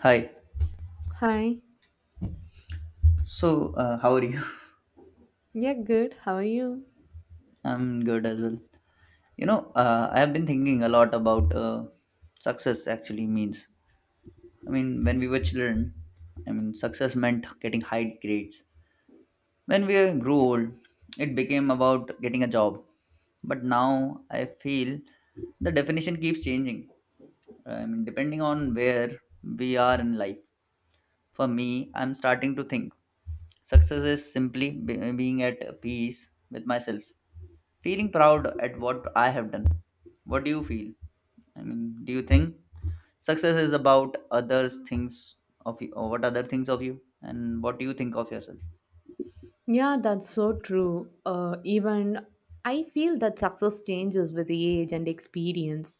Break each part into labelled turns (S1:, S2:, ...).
S1: Hi.
S2: Hi.
S1: So, how are you?
S2: Yeah, good. How are you?
S1: I'm good as well. I have been thinking a lot about success actually means. I mean, when we were children, I mean, success meant getting high grades. When we grew old, it became about getting a job. But now I feel the definition keeps changing. I mean, depending on where we are in life. For me, I'm starting to think success is simply being at peace with myself. Feeling proud at what I have done. What do you feel? I mean, do you think success is about others things of you or what other things of you and what do you think of yourself?
S2: Yeah, that's so true. Even I feel that success changes with age and experience.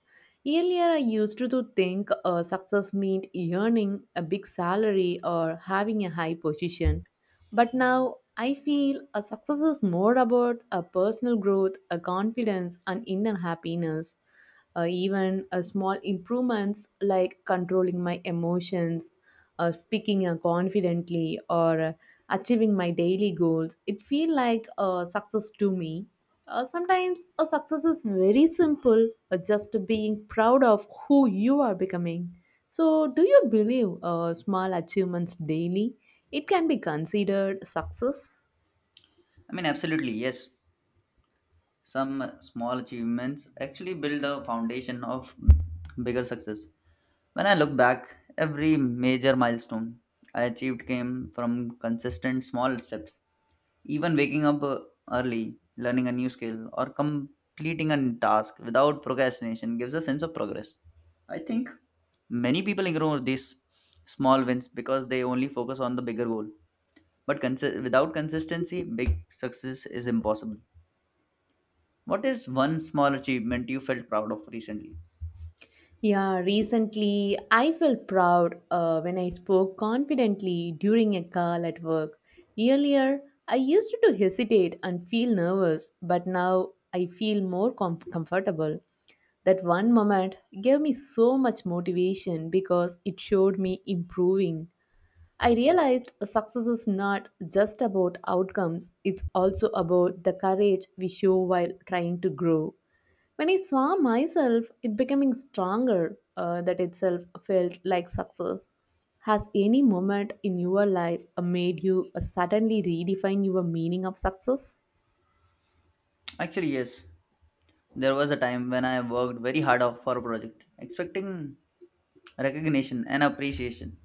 S2: Earlier, I used to think success meant earning a big salary or having a high position. But now, I feel a success is more about a personal growth, a confidence, and inner happiness. Even small improvements like controlling my emotions, speaking confidently, or achieving my daily goals, it feel like a success to me. Sometimes a success is very simple, just being proud of who you are becoming. So, do you believe small achievements daily? It can be considered success.
S1: I mean, absolutely, yes. Some small achievements actually build the foundation of bigger success. When I look back, every major milestone I achieved came from consistent small steps. Even waking up early, learning a new skill, or completing a task without procrastination gives a sense of progress. I think many people ignore these small wins because they only focus on the bigger goal. But without consistency, big success is impossible. What is one small achievement you felt proud of recently?
S2: Yeah, recently I felt proud when I spoke confidently during a call at work. Earlier, I used to hesitate and feel nervous, but now I feel more comfortable. That one moment gave me so much motivation because it showed me improving. I realized success is not just about outcomes, it's also about the courage we show while trying to grow. When I saw myself, it becoming stronger, that itself felt like success. Has any moment in your life made you suddenly redefine your meaning of success?
S1: Actually, yes. There was a time when I worked very hard out for a project, expecting recognition and appreciation.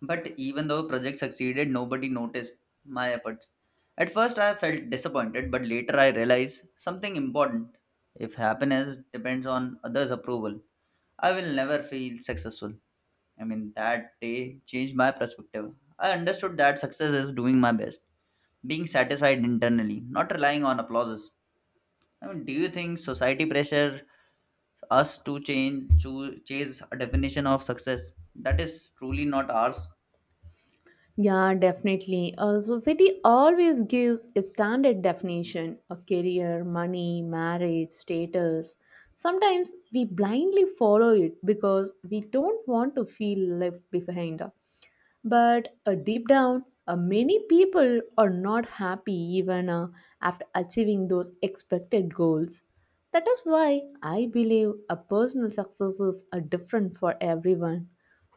S1: But even though project succeeded, nobody noticed my efforts. At first I felt disappointed, but later I realized something important. If happiness depends on others' approval, I will never feel successful. I mean, that day changed my perspective. I understood that success is doing my best, being satisfied internally, not relying on applauses. I mean, do you think society pressure us to change to chase a definition of success that is truly not ours?
S2: Yeah, definitely. Society always gives a standard definition a career, money, marriage, status. Sometimes we blindly follow it because we don't want to feel left behind. But deep down, many people are not happy even after achieving those expected goals. That is why I believe a personal success is different for everyone.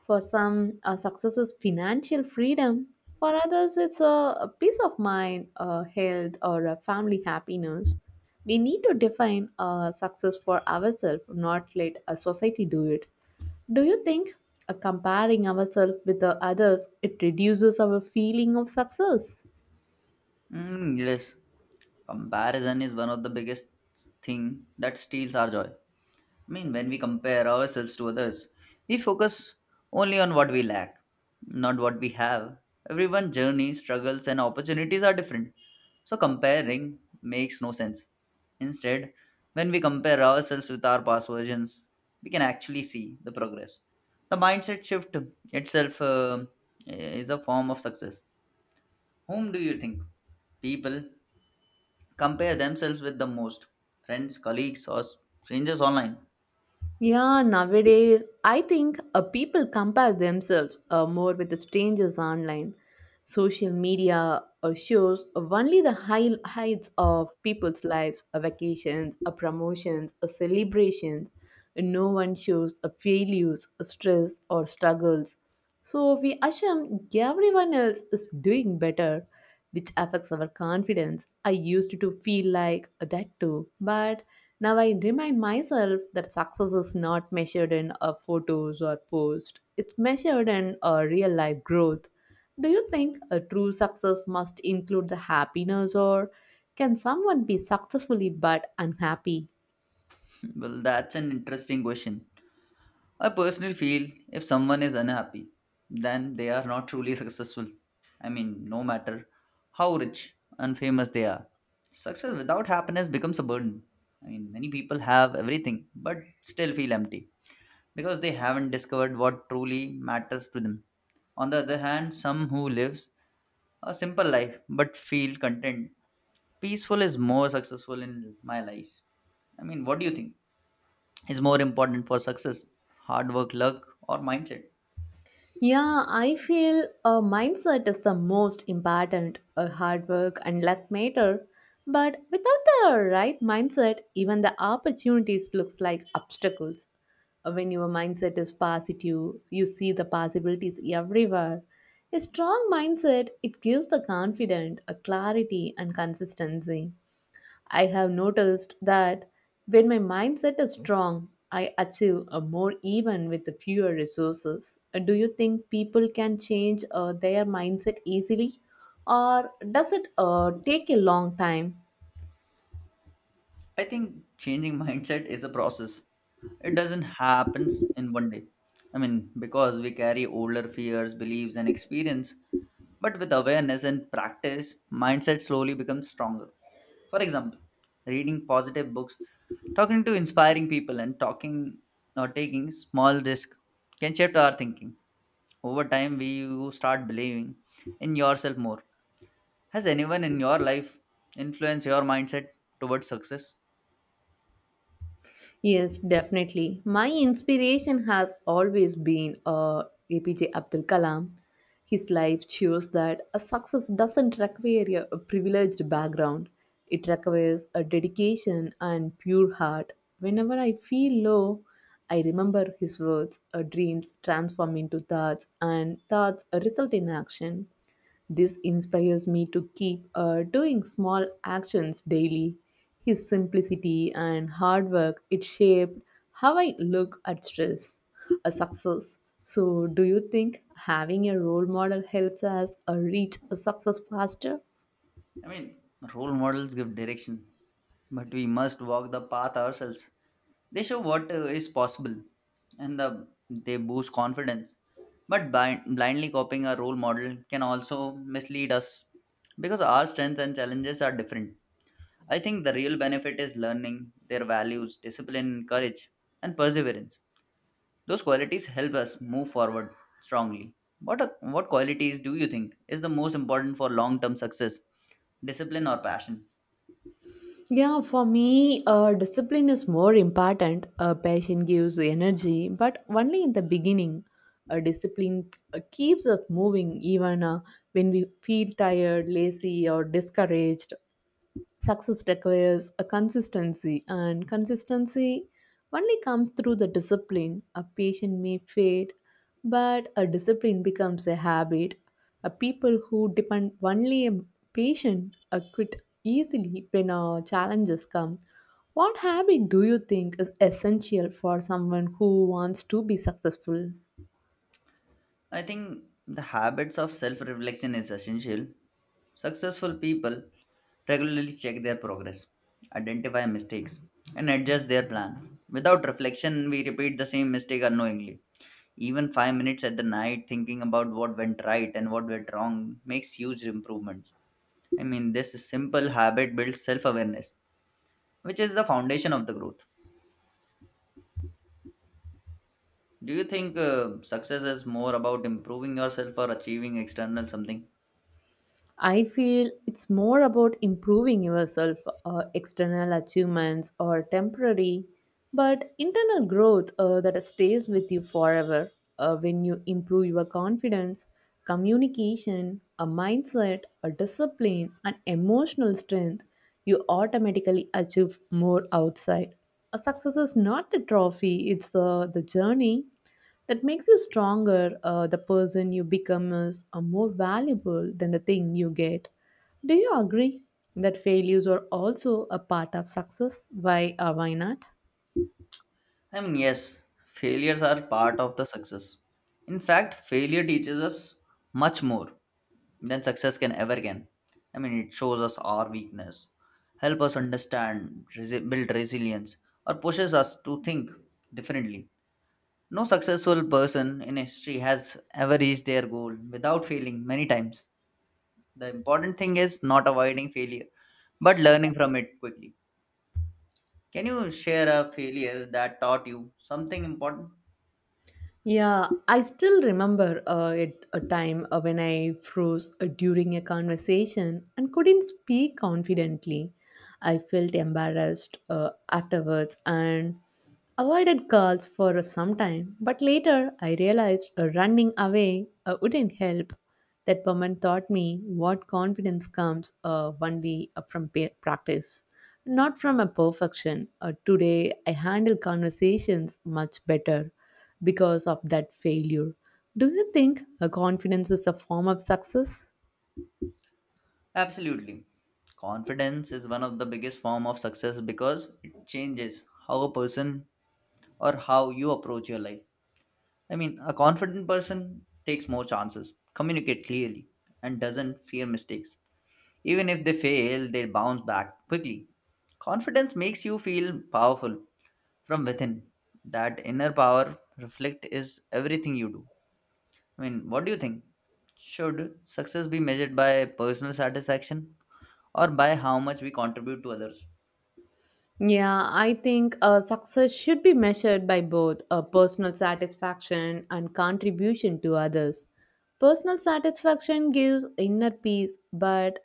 S2: For some, success is financial freedom. For others, it's a peace of mind, health, or a family happiness. We need to define success for ourselves, not let a society do it. Do you think comparing ourselves with the others it reduces our feeling of success?
S1: Yes, comparison is one of the biggest thing that steals our joy. I mean, when we compare ourselves to others, we focus only on what we lack, not what we have. Everyone's journey, struggles, and opportunities are different. So, comparing makes no sense. Instead, when we compare ourselves with our past versions, we can actually see the progress. The mindset shift itself is a form of success. Whom do you think people compare themselves with the most? Friends, colleagues, or strangers online?
S2: Yeah, nowadays, I think people compare themselves more with the strangers online. Social media shows only the high heights of people's lives, vacations, promotions, celebrations. No one shows failures, stress, or struggles. So we assume everyone else is doing better, which affects our confidence. I used to feel like that too, but now I remind myself that success is not measured in photos or posts. It's measured in real life growth. Do you think a true success must include the happiness or can someone be successfully but unhappy?
S1: Well, that's an interesting question. I personally feel if someone is unhappy, then they are not truly successful. I mean, no matter how rich and famous they are, success without happiness becomes a burden. I mean, many people have everything but still feel empty because they haven't discovered what truly matters to them. On the other hand, some who lives a simple life but feel content, peaceful is more successful in my life. I mean, what do you think? Is more important for success, hard work, luck, or mindset?
S2: Yeah, I feel a mindset is the most important. A hard work and luck matter, but without the right mindset, even the opportunities looks like obstacles. When your mindset is positive, you see the possibilities everywhere. A strong mindset, it gives the confident a clarity and consistency. I have noticed that when my mindset is strong, I achieve a more even with the fewer resources. Do you think people can change their mindset easily or does it take a long time?
S1: I think changing mindset is a process. It doesn't happen in one day. I mean, because we carry older fears, beliefs, and experience. But with awareness and practice, mindset slowly becomes stronger. For example, reading positive books, talking to inspiring people, and talking, or taking small risk can shape our thinking. Over time, we you start believing in yourself more. Has anyone in your life influenced your mindset towards success?
S2: Yes, definitely. My inspiration has always been APJ Abdul Kalam. His life shows that a success doesn't require a privileged background, it requires a dedication and pure heart. Whenever I feel low, I remember his words dreams transform into thoughts, and thoughts result in action. This inspires me to keep doing small actions daily. His simplicity and hard work it shaped how I look at stress, a success. So, do you think having a role model helps us reach a success faster?
S1: I mean, role models give direction, but we must walk the path ourselves. They show what is possible and they boost confidence. But blindly copying a role model can also mislead us because our strengths and challenges are different. I think the real benefit is learning their values, discipline, courage, and perseverance. Those qualities help us move forward strongly. What qualities do you think is the most important for long term success, discipline, or passion?
S2: Yeah, for me, discipline is more important. A passion gives energy, but only in the beginning. A discipline keeps us moving even when we feel tired, lazy, or discouraged. Success requires a consistency, and consistency only comes through the discipline. A patient may fade, but a discipline becomes a habit. A people who depend only on patient quit easily when challenges come. What habit do you think is essential for someone who wants to be successful?
S1: I think the habits of self reflection is essential. Successful people regularly check their progress, identify mistakes, and adjust their plan. Without reflection, we repeat the same mistake unknowingly. Even 5 minutes at the night thinking about what went right and what went wrong makes huge improvements. I mean, this simple habit builds self awareness which is the foundation of the growth. Do you think success is more about improving yourself or achieving external something?
S2: I feel it's more about improving yourself, external achievements or temporary, but internal growth that stays with you forever. When you improve your confidence, communication, a mindset, a discipline, and emotional strength, you automatically achieve more outside. A success is not the trophy, it's the journey that makes you stronger. The person you become is more valuable than the thing you get. Do you agree that failures are also a part of success? Why not?
S1: I mean, yes, failures are part of the success. In fact, failure teaches us much more than success can ever can. I mean, it shows us our weakness, help us understand, build resilience, or pushes us to think differently. No successful person in history has ever reached their goal without failing many times. The important thing is not avoiding failure but learning from it quickly. Can you share a failure that taught you something important?
S2: Yeah, I still remember a time when I froze during a conversation and couldn't speak confidently. I felt embarrassed afterwards, and avoided girls for some time, but later I realized running away wouldn't help. That woman taught me what confidence comes only from practice, not from a perfection. Today I handle conversations much better because of that failure. Do you think confidence is a form of success?
S1: Absolutely. Confidence is one of the biggest form of success because it changes how a person or how you approach your life. I mean, a confident person takes more chances, communicate clearly, and doesn't fear mistakes. Even if they fail, they bounce back quickly. Confidence makes you feel powerful from within. That inner power reflect is everything you do. I mean, what do you think? Should success be measured by personal satisfaction or by how much we contribute to others?
S2: Yeah, I think success should be measured by both personal satisfaction and contribution to others. Personal satisfaction gives inner peace, but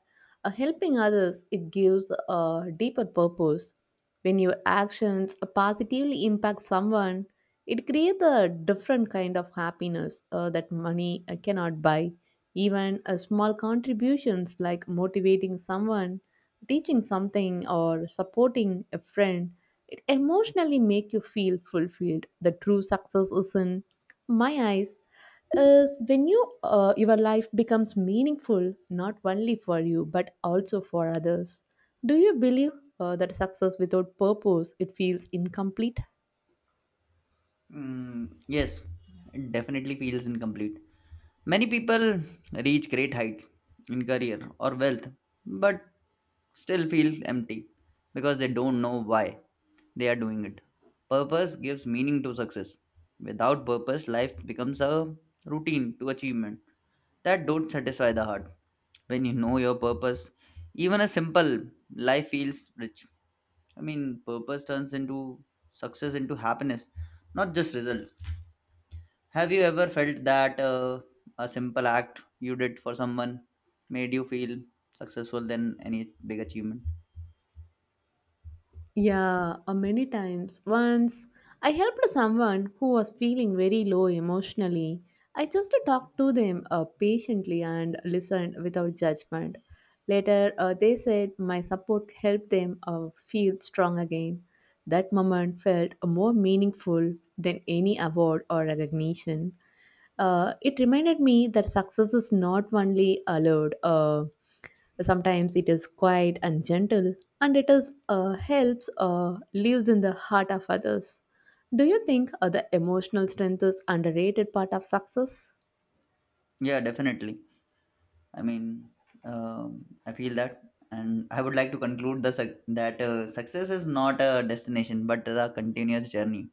S2: helping others it gives a deeper purpose. When your actions positively impact someone, it creates a different kind of happiness that money cannot buy. Even small contributions like motivating someone, teaching something, or supporting a friend, it emotionally make you feel fulfilled. The true success is in my eyes is when your life becomes meaningful not only for you but also for others. Do you believe that success without purpose it feels incomplete?
S1: Yes, it definitely feels incomplete. Many people reach great heights in career or wealth, but still feel empty because they don't know why they are doing it. Purpose gives meaning to success. Without purpose, life becomes a routine to achievement that don't satisfy the heart. When you know your purpose, even a simple life feels rich. I mean, purpose turns into success into happiness, not just results. Have you ever felt that a simple act you did for someone made you feel successful than any big achievement?
S2: Yeah, many times. Once I helped someone who was feeling very low emotionally. I just talked to them patiently and listened without judgment. Later, they said my support helped them feel strong again. That moment felt more meaningful than any award or recognition. It reminded me that success is not only allowed. Sometimes it is quiet and gentle, and it is helps lives in the heart of others. Do you think the emotional strength is underrated part of success?
S1: Yeah, definitely. I mean, um, I feel that, and I would like to conclude the suc that success is not a destination but a continuous journey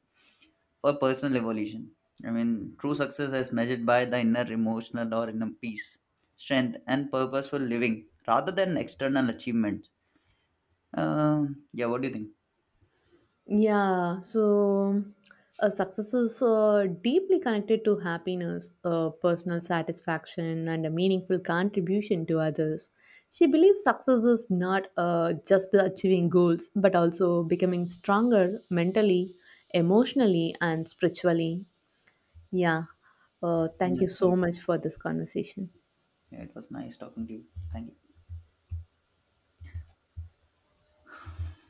S1: for personal evolution. I mean, true success is measured by the inner emotional or inner peace, strength, and purposeful living rather than external achievement. Yeah, what do you think?
S2: Yeah, so success is deeply connected to happiness, personal satisfaction, and a meaningful contribution to others. She believes success is not just achieving goals, but also becoming stronger mentally, emotionally, and spiritually. Yeah. Thank you
S1: Yes,
S2: so
S1: sorry.
S2: much for this conversation.
S1: Yeah, it was nice talking to you. Thank you.